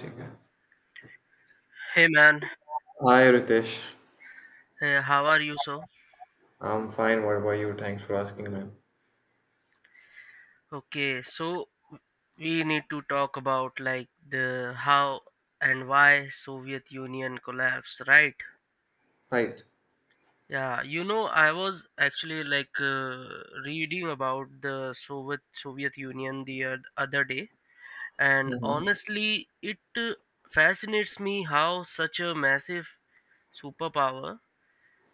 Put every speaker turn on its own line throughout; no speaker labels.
ठीक है।
Hey man,
Hi Ritesh.
how are you so?
I'm fine. What about you? Thanks for asking, man.
Okay, so we need to talk about like the how and why Soviet Union collapsed, right?
Right.
Yeah, I was actually reading about the Soviet Union the other day, and
Hmm.
honestly, it fascinates me how such a massive superpower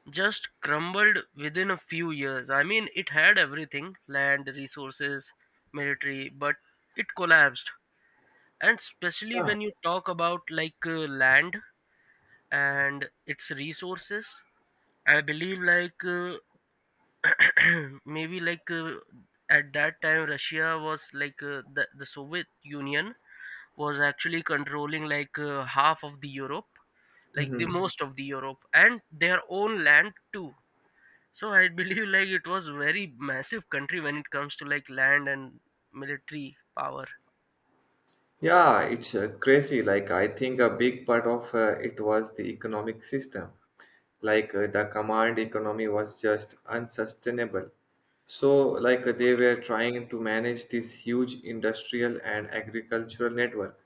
just crumbled within a few years. I mean, it had everything land, resources, military, but it collapsed. And especially
Yeah.
when you talk about like land and its resources, I believe like maybe like at that time Russia was like the Soviet Union was actually controlling like half of the Europe, like the
Hmm.
Most of the Europe, and their own land too. So I believe like it was very massive country when it comes to like land and military power.
Yeah, it's crazy. I think a big part of it was the economic system. The command economy was just unsustainable. So, they were trying to manage this huge industrial and agricultural network,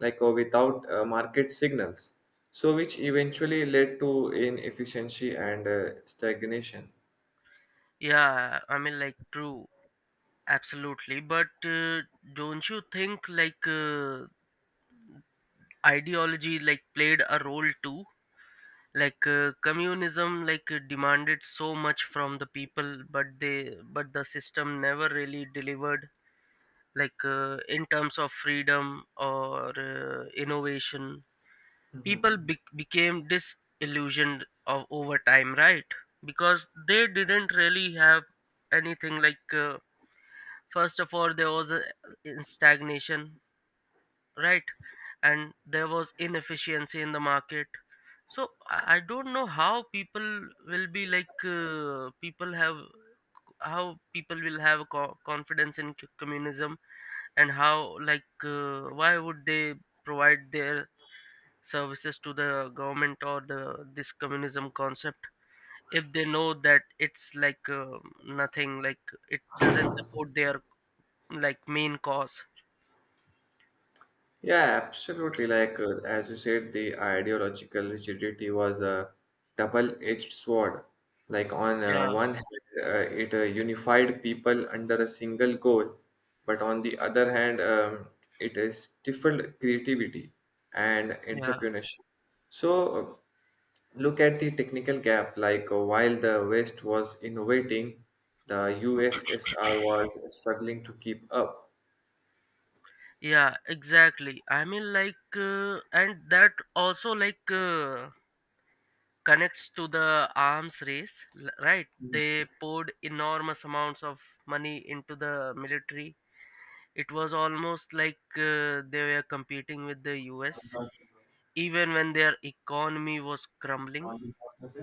without market signals. So, which eventually led to inefficiency and stagnation.
Yeah, I mean like true, absolutely. But don't you think like ideology like played a role too? Like communism like demanded so much from the people, but the system never really delivered like in terms of freedom or innovation.
Mhm.
People became disillusioned of over time, right? Because they didn't really have anything, like first of all there was a in stagnation, right? And there was inefficiency in the market. So I don't know how people will be like people have how people will have confidence in communism, and how like why would they provide their services to the government or the this communism concept if they know that it's like nothing, like it doesn't support their like main cause.
Yeah, absolutely. As you said, the ideological rigidity was a double-edged sword. Like on
yeah
one hand, it unified people under a single goal, but on the other hand, it stifled creativity and
yeah
entrepreneurship. So uh, look at the technical gap. While the West was innovating, the USSR was struggling to keep up.
yeah Exactly, I mean like and that also like connects to the arms race right, they poured enormous amounts of money into the military. It was almost like they were competing with the us even when their economy was crumbling.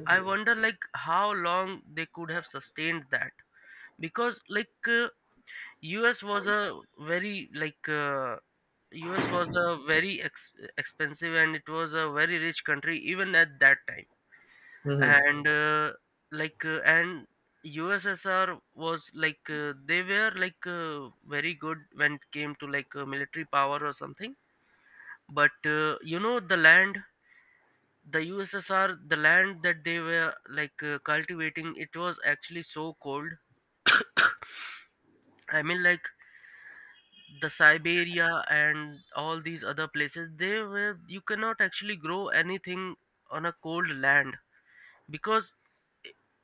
I wonder like how long they could have sustained that, because like us was a very like uh, us was a very expensive and it was a very rich country even at that time.
Mhm.
And uh, like uh, and ussr was like they were like very good when it came to like military power or something. But you know the land the USSR, the land that they were like cultivating, it was actually so cold. I mean, like the Siberia and all these other places, they were you cannot actually grow anything on a cold land, because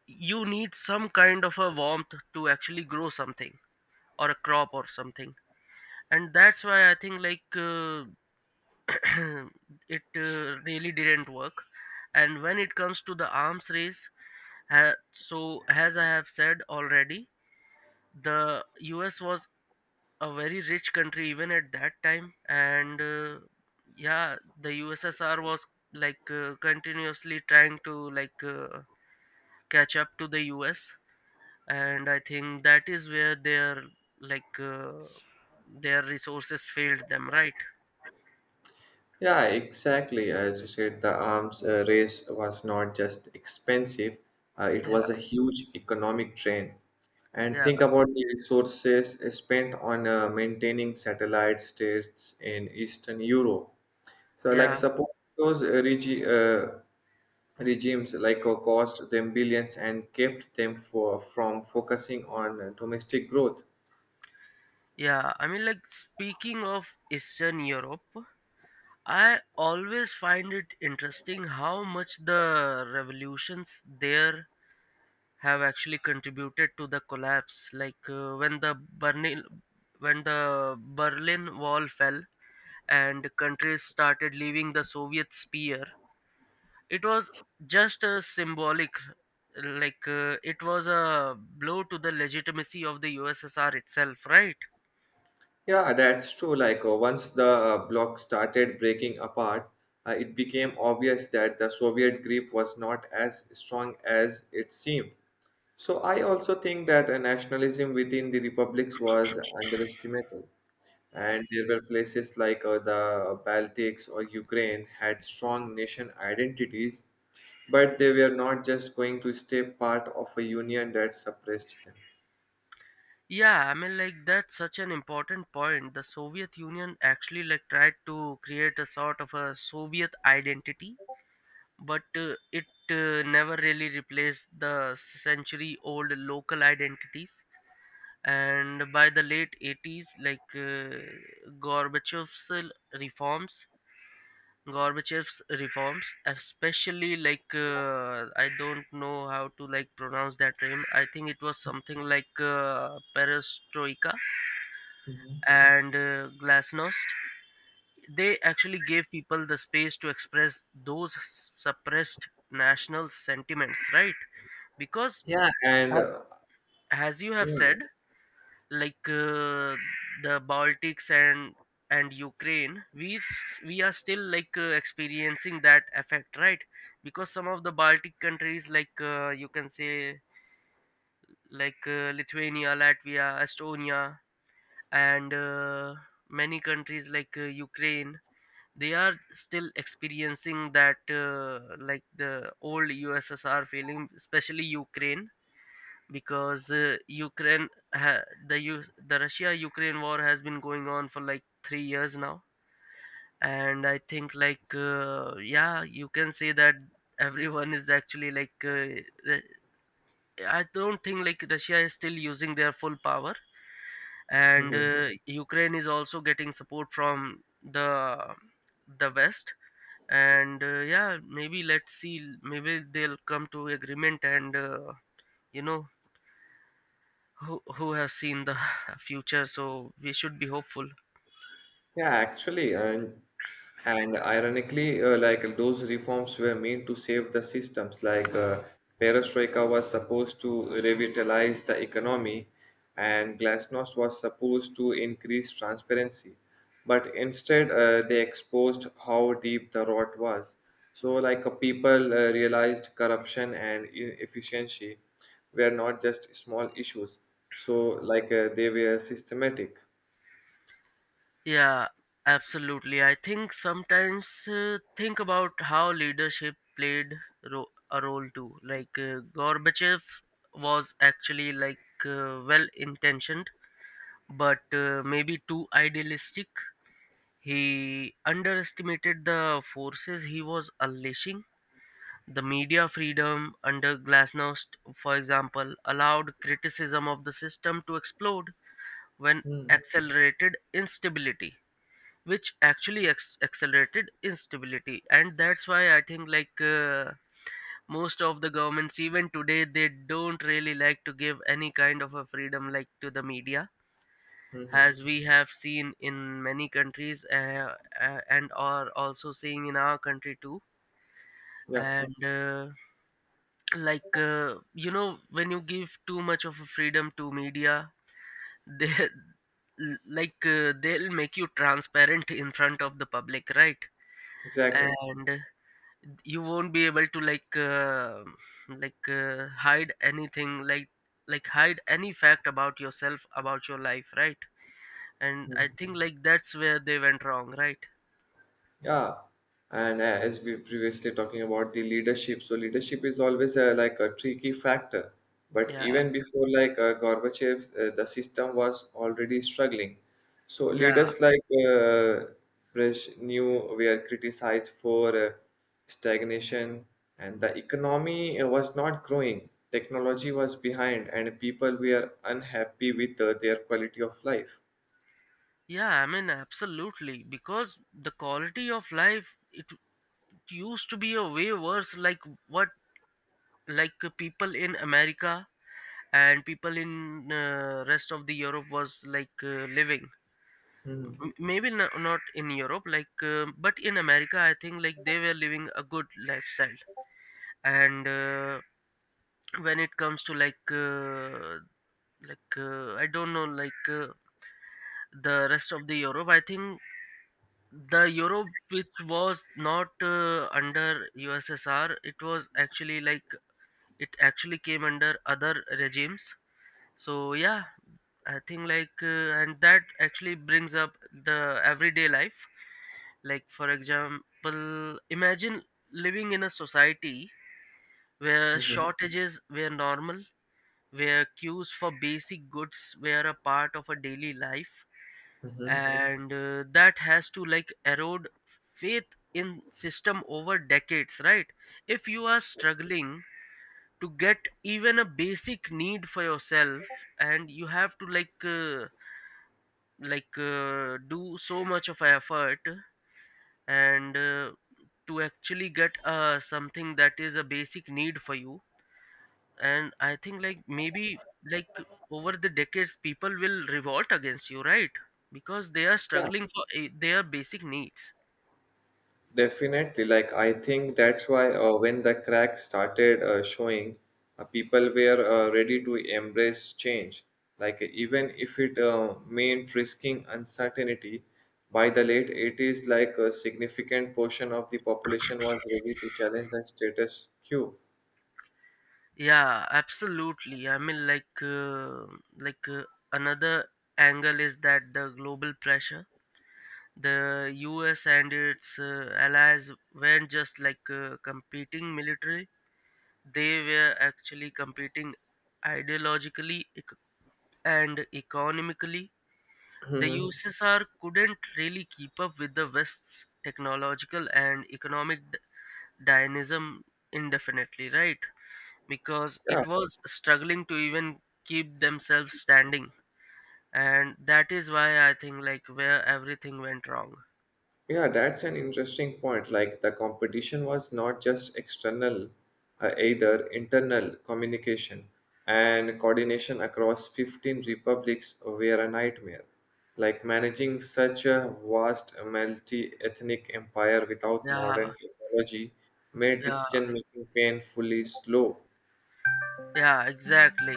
you need some kind of a warmth to actually grow something or a crop or something. And that's why I think like it really didn't work. And when it comes to the arms race, so as I have said already, the us was a very rich country even at that time. And yeah, the ussr was like continuously trying to like catch up to the us, and I think that is where their like their resources failed them, right?
Yeah, exactly. As you said, the arms race was not just expensive, it was a
yeah
huge economic drain. And
yeah
think about the resources spent on maintaining satellite states in Eastern Europe. So, like,
yeah
support those regimes cost them billions and kept them from focusing on domestic growth.
yeah I mean, like, speaking of eastern europe, I always find it interesting how much the revolutions there have actually contributed to the collapse. Like when the Berlin Wall fell and countries started leaving the Soviet sphere, it was just a symbolic. Like it was a blow to the legitimacy of the USSR itself, right?
Yeah, that's true. Once the bloc started breaking apart, it became obvious that the Soviet grip was not as strong as it seemed. So I also think that nationalism within the republics was underestimated. And there were places the Baltics or Ukraine had strong nation identities, but they were not just going to stay part of a union that suppressed them.
Yeah, I mean, like that's such an important point. The Soviet Union actually like tried to create a sort of a Soviet identity, but it never really replaced the century-old local identities. And by the late 80s, like reforms, Gorbachev's reforms, especially like I don't know how to like pronounce that name. I think it was something like perestroika and glasnost. They actually gave people the space to express those suppressed national sentiments, right? because
Yeah, and
uh, as you have
yeah.
said, like the baltics and ukraine we we are still like experiencing that effect, right? Because some of the baltic countries like you can say like lithuania latvia estonia, and many countries like ukraine, they are still experiencing that like the old USSR feeling, especially Ukraine, because Ukraine ha- the U- the Russia Ukraine war has been going on for like 3 years now, and I think like yeah, you can say that everyone is actually like Ru- I don't think like Russia is still using their full power, and
Mhm.
Ukraine is also getting support from the West. And yeah, maybe let's see, maybe they'll come to agreement, and you know who has seen the future, so we should be hopeful.
Yeah, actually, and ironically, like those reforms were meant to save the systems. Perestroika was supposed to revitalize the economy, and Glasnost was supposed to increase transparency. But instead, they exposed how deep the rot was. So, people realized corruption and inefficiency were not just small issues. So, they were systematic.
Yeah, absolutely, I think sometimes think about how leadership played a role too, like gorbachev was actually like well intentioned, but maybe too idealistic. He underestimated the forces he was unleashing. The media freedom under Glasnost, for example, allowed criticism of the system to explode when
Hmm.
accelerated instability, which actually accelerated instability. And that's why I think, like, most of the governments, even today, they don't really like to give any kind of a freedom like to the media.
Hmm.
As we have seen in many countries and are also seeing in our country too,
Yeah.
and like when you give too much of a freedom to media, they like they'll make you transparent in front of the public, right?
Exactly.
And you won't be able to like hide anything, like hide any fact about yourself about your life, right? And I
Mhm.
think like that's where they went wrong, right?
Yeah. And as we previously talking about the leadership, so leadership is always like a tricky factor. But
yeah
even before Gorbachev, the system was already struggling. So
yeah
leaders Brezhnev were criticized for stagnation, and the economy was not growing. Technology was behind, and people were unhappy with their quality of life.
yeah I mean absolutely, because the quality of life it used to be a way worse, like what like people in america and people in rest of the europe was like living.
Mm,
Maybe no, not in europe like but in america I think like they were living a good lifestyle. And when it comes to like I don't know like the rest of the europe, I think the europe which was not under ussr, it was actually like it actually came under other regimes. So yeah, I think like and that actually brings up the everyday life. Like for example imagine living in a society where
mhm,
shortages were normal, where queues for basic goods were a part of a daily life,
mhm.
and that has to like erode faith in system over decades, right? If you are struggling to get even a basic need for yourself, and you have to like do so much of effort, and to actually get something that is a basic need for you. And I think like maybe like over the decades people will revolt against you, right? Because they are
Yeah,
struggling for their basic needs.
definitely, like I think that's why when the cracks started showing, people were ready to embrace change. Like even if it meant risking uncertainty, by the late 80s, like a significant portion of the population was ready to challenge the status quo.
Yeah, absolutely, I mean like like uh, another angle is that the global pressure, the US and its allies weren't just like competing military, they were actually competing ideologically and economically. The
Mhm.
USSR couldn't really keep up with the West's technological and economic dynamism indefinitely, right? Because
Yeah,
it was struggling to even keep themselves standing. And that is why I think like where everything went wrong.
Yeah, that's an interesting point. Like the competition was not just external, either internal communication and coordination across 15 republics were a nightmare. Like managing such a vast multi-ethnic empire without
Yeah,
modern technology made
yeah.
decision making painfully slow.
Yeah, exactly.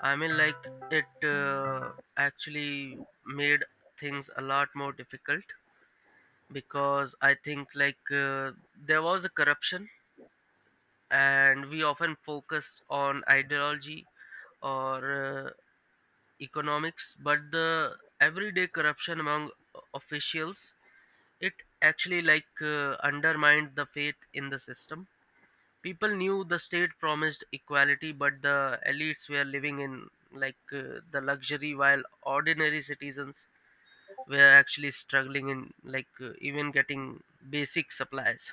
I mean, like, it actually made things a lot more difficult, because I think, like, there was a corruption, and we often focus on ideology or economics, but the everyday corruption among officials, it actually like undermined the faith in the system. People knew the state promised equality, but the elites were living in like the luxury, while ordinary citizens were actually struggling in like even getting basic supplies.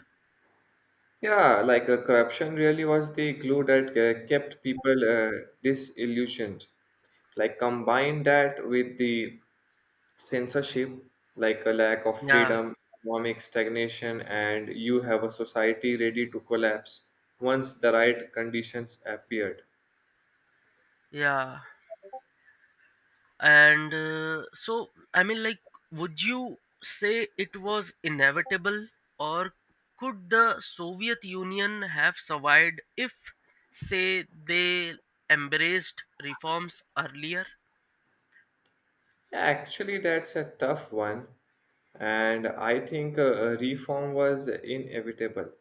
Yeah, corruption really was the glue that kept people disillusioned. Like combine that with the censorship, like a lack of
Yeah,
freedom, economic stagnation, and you have a society ready to collapse once the right conditions appeared.
yeah. And so, I mean, like, would you say it was inevitable, or could the Soviet Union have survived if, say, they embraced reforms earlier?
Actually, that's a tough one, and I think a reform was inevitable.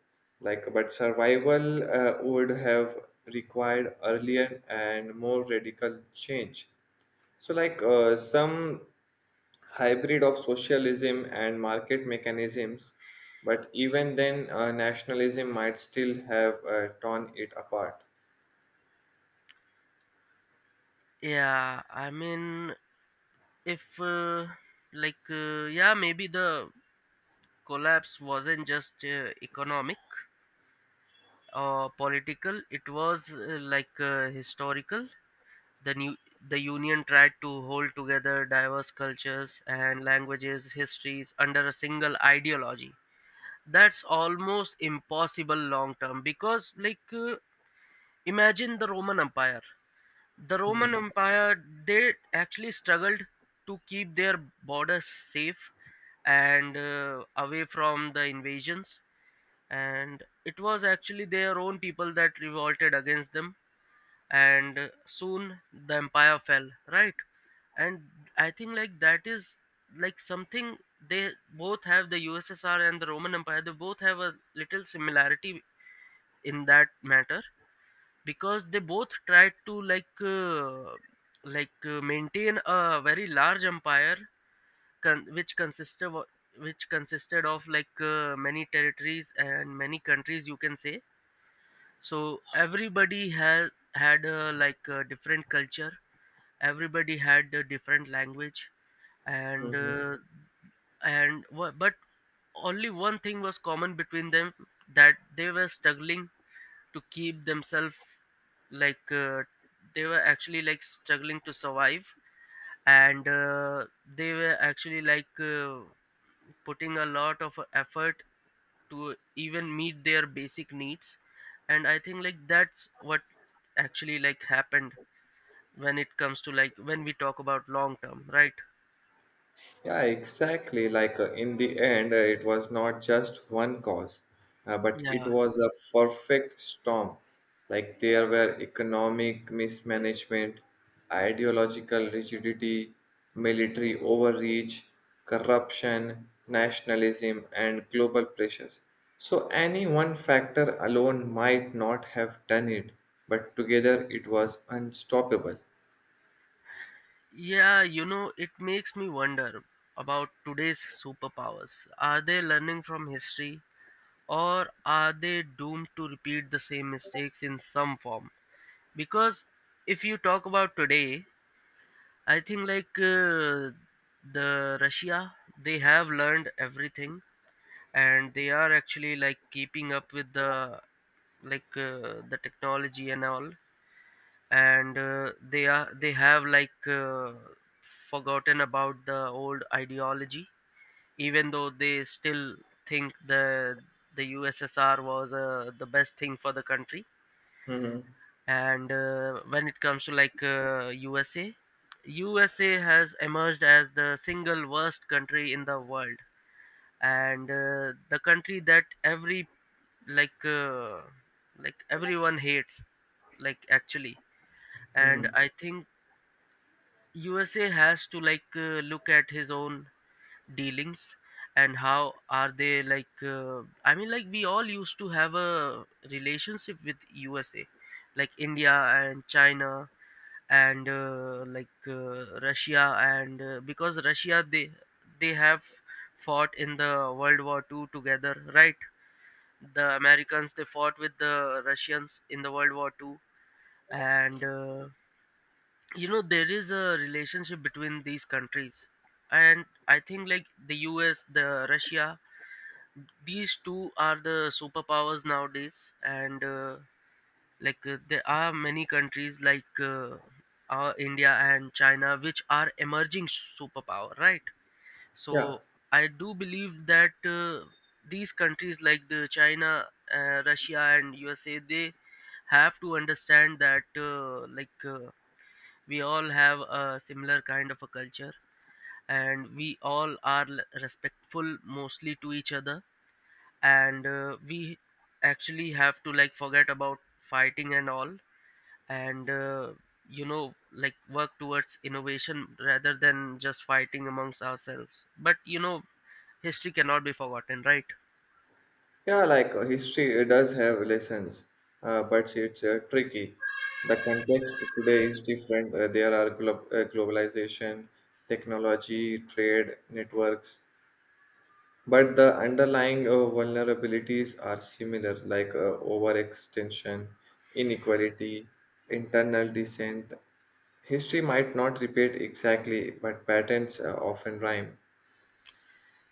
Like, but survival would have required earlier and more radical change. So, some hybrid of socialism and market mechanisms, but even then, nationalism might still have torn it apart.
Yeah, I mean, if like yeah, maybe the collapse wasn't just economic or political, it was historical. The new the union tried to hold together diverse cultures and languages histories under a single ideology. That's almost impossible long term, because like imagine the roman empire The Roman
Mhm.
Empire, they actually struggled to keep their borders safe and away from the invasions. And it was actually their own people that revolted against them. And soon the empire fell, right? And I think like that is like something they both have, the USSR and the Roman Empire, they both have a little similarity in that matter because they both tried to maintain a very large empire which which consisted of many territories and many countries, you can say. So everybody has had like a different culture, everybody had a different language. And uh, and wha- but only one thing was common between them, that they were struggling to keep themselves, like uh, they were actually like struggling to survive. And they were actually putting a lot of effort to even meet their basic needs. And I think like that's what actually like happened when it comes to like when we talk about long term, right?
Yeah, exactly. In the end, it was not just one cause, but it
yeah
was a perfect storm. Like there were economic mismanagement, ideological rigidity, military overreach, corruption, nationalism, and global pressures. So any one factor alone might not have done it, but together it was unstoppable.
yeah, you know, it makes me wonder about today's superpowers. Are they learning from history, or are they doomed to repeat the same mistakes in some form? Because if you talk about today, I think the Russia, they have learned everything and they are actually like keeping up with the the technology and all. And they have forgotten about the old ideology, even though they still think the USSR was the best thing for the country.
Hmm.
And when it comes to USA, USA has emerged as the single worst country in the world, and the country that like uh, everyone hates, like actually. And
Hmm.
I think USA has to look at his own dealings and how are they I mean, like, we all used to have a relationship with USA, like India and China, and like Russia, and because Russia, they have fought in the World War Two together, right? The Americans, they fought with the Russians in the World War Two. And You know, there is a relationship between these countries, and I think like the US, the Russia, these two are the superpowers nowadays. And like There are many countries our India and China which are emerging superpower, right?
Yeah.
So I do believe that these countries like the China, Russia and USA, they have to understand that we all have a similar kind of a culture, and we all are respectful mostly to each other. And we actually have to like forget about fighting and all. And You know, like work towards innovation rather than just fighting amongst ourselves. But you know, history cannot be forgotten, right?
Yeah, history does have lessons, but it's tricky. The context today is different. There are globalization, technology, trade networks, but the underlying vulnerabilities are similar, overextension, inequality, internal dissent. History might not repeat exactly, but patterns often rhyme.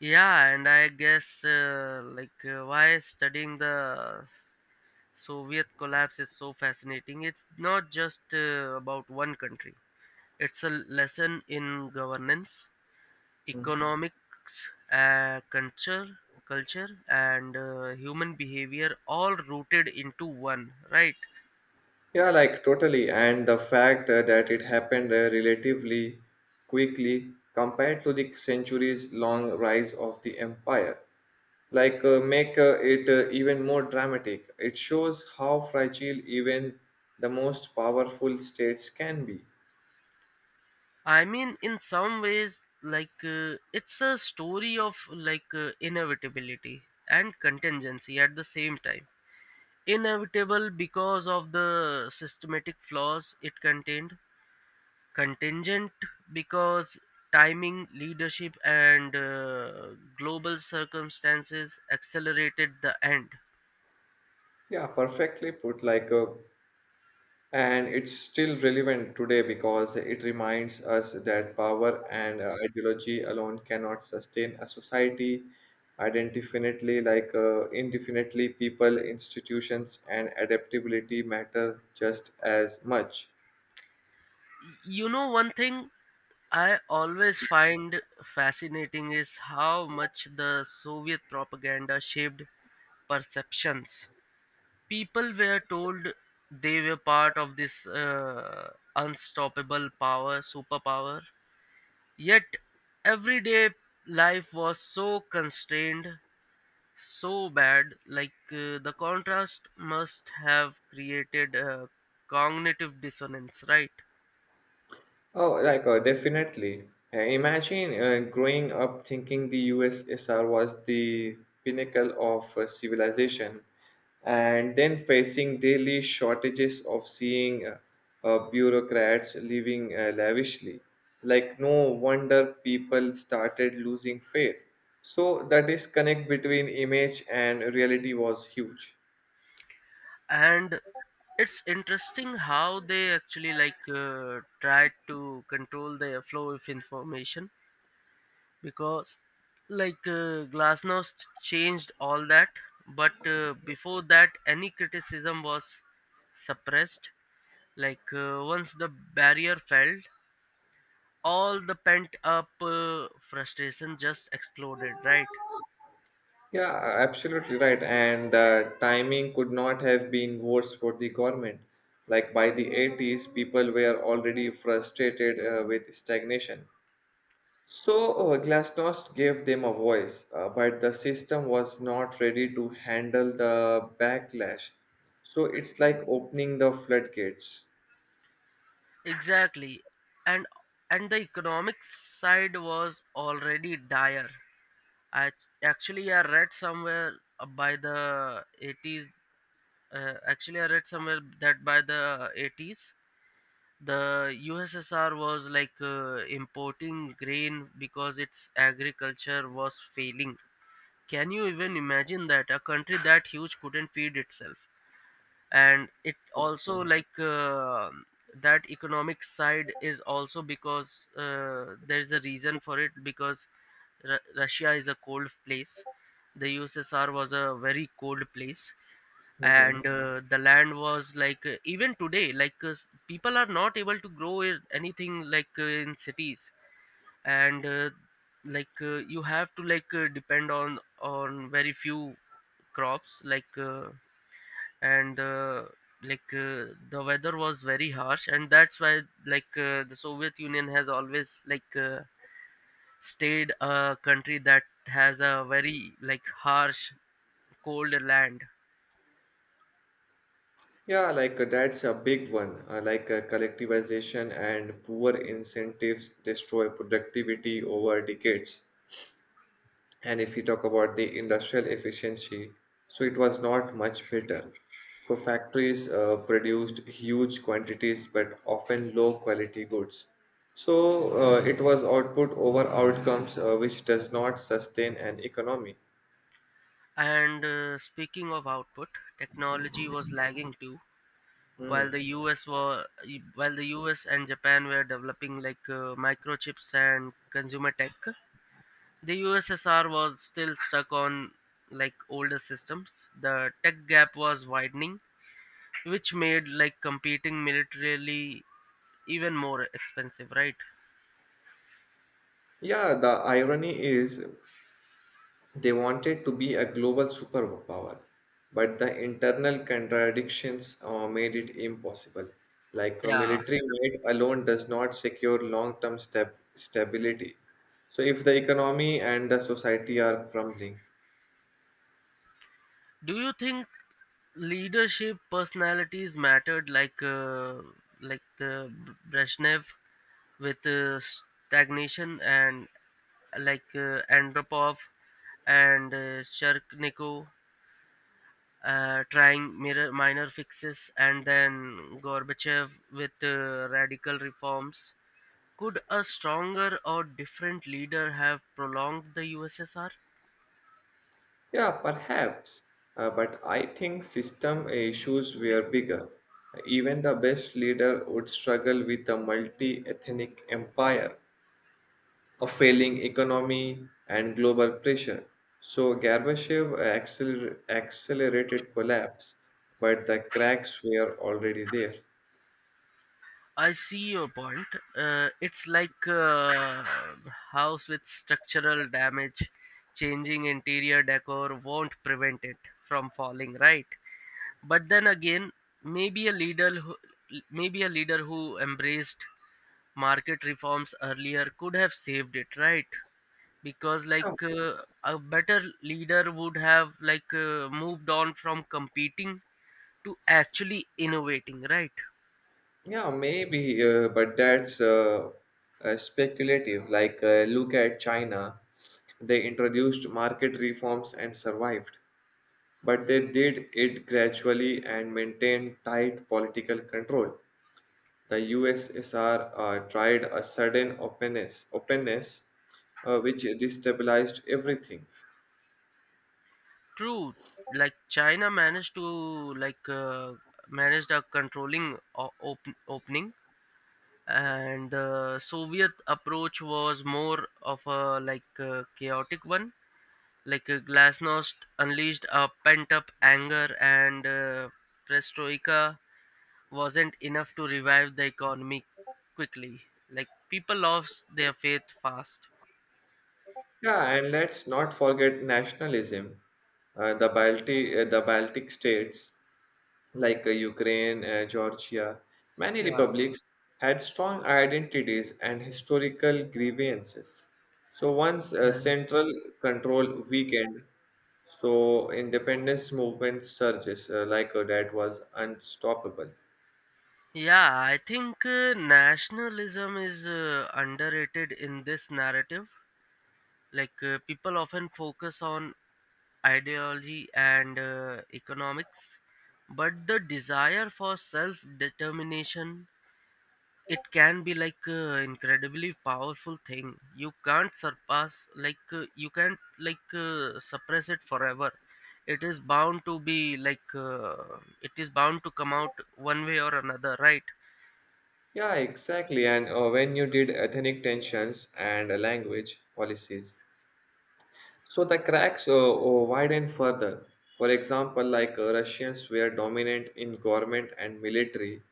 Yeah, and I guess why studying the Soviet collapse is so fascinating. It's not just about one country. It's a lesson in governance, economics, uh, culture, culture, and human behavior, all rooted into one. Right?
Yeah, like totally. And the fact that it happened relatively quickly compared to the centuries long rise of the empire, make it even more dramatic. It shows how fragile even the most powerful states can be.
I mean, in some ways, it's a story of inevitability and contingency at the same time. Inevitable because of the systematic flaws it contained. Contingent because timing, leadership, and global circumstances accelerated the end.
Yeah, perfectly put. And it's still relevant today because it reminds us that power and ideology alone cannot sustain a society. Indefinitely, indefinitely, people, institutions, and adaptability matter just as much.
You know, one thing I always find fascinating is how much the Soviet propaganda shaped perceptions. People were told they were part of this unstoppable power, superpower, yet everyday life was so constrained, so bad. The contrast must have created a cognitive dissonance, right?
Oh, definitely. Imagine growing up thinking the USSR was the pinnacle of civilization, and then facing daily shortages of seeing bureaucrats living lavishly. Like, no wonder people started losing faith. So, the disconnect between image and reality was huge.
And it's interesting how they actually tried to control their flow of information, because glasnost changed all that. But before that, any criticism was suppressed. Once the barrier fell, all the pent up frustration just exploded, right?
Yeah, absolutely right. And the timing could not have been worse for the government. Like by the 80s, people were already frustrated with stagnation. So Glasnost gave them a voice, but the system was not ready to handle the backlash. So it's like opening the floodgates.
Exactly. And and the economic side was already dire. I actually i read somewhere uh, by the 80s uh, actually i read somewhere that by the 80s, the USSR was importing grain because its agriculture was failing. Can you even imagine that a country that huge couldn't feed itself? And it also
Okay.
that economic side is also because there's a reason for it, because Russia is a cold place. The USSR was a very cold place.
Mhm.
And the land was even today people are not able to grow anything in cities. And like You have to depend on very few crops like and like the weather was very harsh, and that's why the Soviet Union has always stayed a country that has a very like harsh cold land.
Yeah, that's a big one. Collectivization and poor incentives destroy productivity over decades. And if you talk about the industrial efficiency, so it was not much better. So factories produced huge quantities but often low quality goods. So it was output over outcomes, which does not sustain an economy.
And speaking of output, technology was lagging too.
Hmm.
While the us were while the US and Japan were developing microchips and consumer tech, the USSR was still stuck on like older systems. The tech gap was widening, which made like competing militarily even more expensive, right?
Yeah, the irony is they wanted to be a global superpower, but the internal contradictions made it impossible. Like a
Yeah,
military might alone does not secure long term stability. So, if the economy and the society are crumbling,
do you think leadership personalities mattered? Like the Brezhnev with stagnation, and Andropov, and Sharkniko trying mirror minor fixes, and then Gorbachev with radical reforms. Could a stronger or different leader have prolonged the USSR?
yeah, perhaps. But I think system issues were bigger. Even the best leader would struggle with a multi ethnic empire, a failing economy, and global pressure. So Gorbachev accelerated collapse, but the cracks were already there.
I see your point. It's like a house with structural damage. Changing interior decor won't prevent it from falling, right? But then again, maybe a leader who maybe a leader who embraced market reforms earlier could have saved it, right? Because
Yeah,
a better leader would have moved on from competing to actually innovating, right?
yeah, maybe, but that's speculative. Look at China. They introduced market reforms and survived, but they did it gradually and maintained tight political control. The USSR tried a sudden openness which destabilized everything.
True, like China managed to managed a controlling opening, and the Soviet approach was more of a chaotic one. Glasnost unleashed a pent-up anger, and perestroika wasn't enough to revive the economy quickly. Like people lost their faith fast.
Yeah, and let's not forget nationalism. Uh, the Baltic states Ukraine, Georgia, many
yeah
republics had strong identities and historical grievances. So once
yeah,
central control weakened, so independence movement surges that was unstoppable.
yeah I think nationalism is underrated in this narrative. People often focus on ideology and economics, but the desire for self determination, it can be incredibly powerful thing. You can't surpass you can't suppress it forever. It is bound to be like it is bound to come out one way or another, right?
Yeah, exactly. And when you did ethnic tensions and language policies, so the cracks widened further. For example, Russians were dominant in government and military,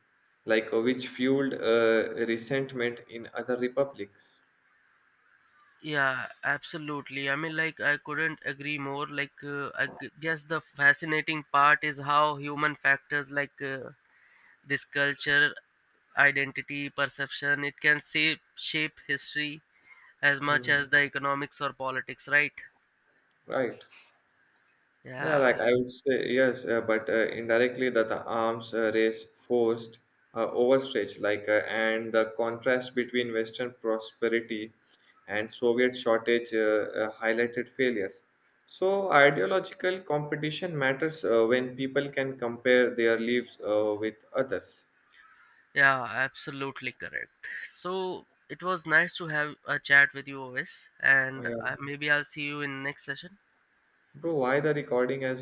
which fueled resentment in other republics.
Yeah, absolutely. I mean, like, I couldn't agree more. Like, guess the fascinating part is how human factors this culture, identity, perception, it can shape history as much
Mhm.
as the economics or politics, right?
Right. Yeah,
Yeah,
like I would say yes, but indirectly that the arms race forced overstretch, and the contrast between Western prosperity and Soviet shortage highlighted failures. So ideological competition matters when people can compare their lives with others.
yeah, absolutely correct. So it was nice to have a chat with you, always,
Oh,
and
yeah,
maybe I'll see you in next session.
bro, why the recording has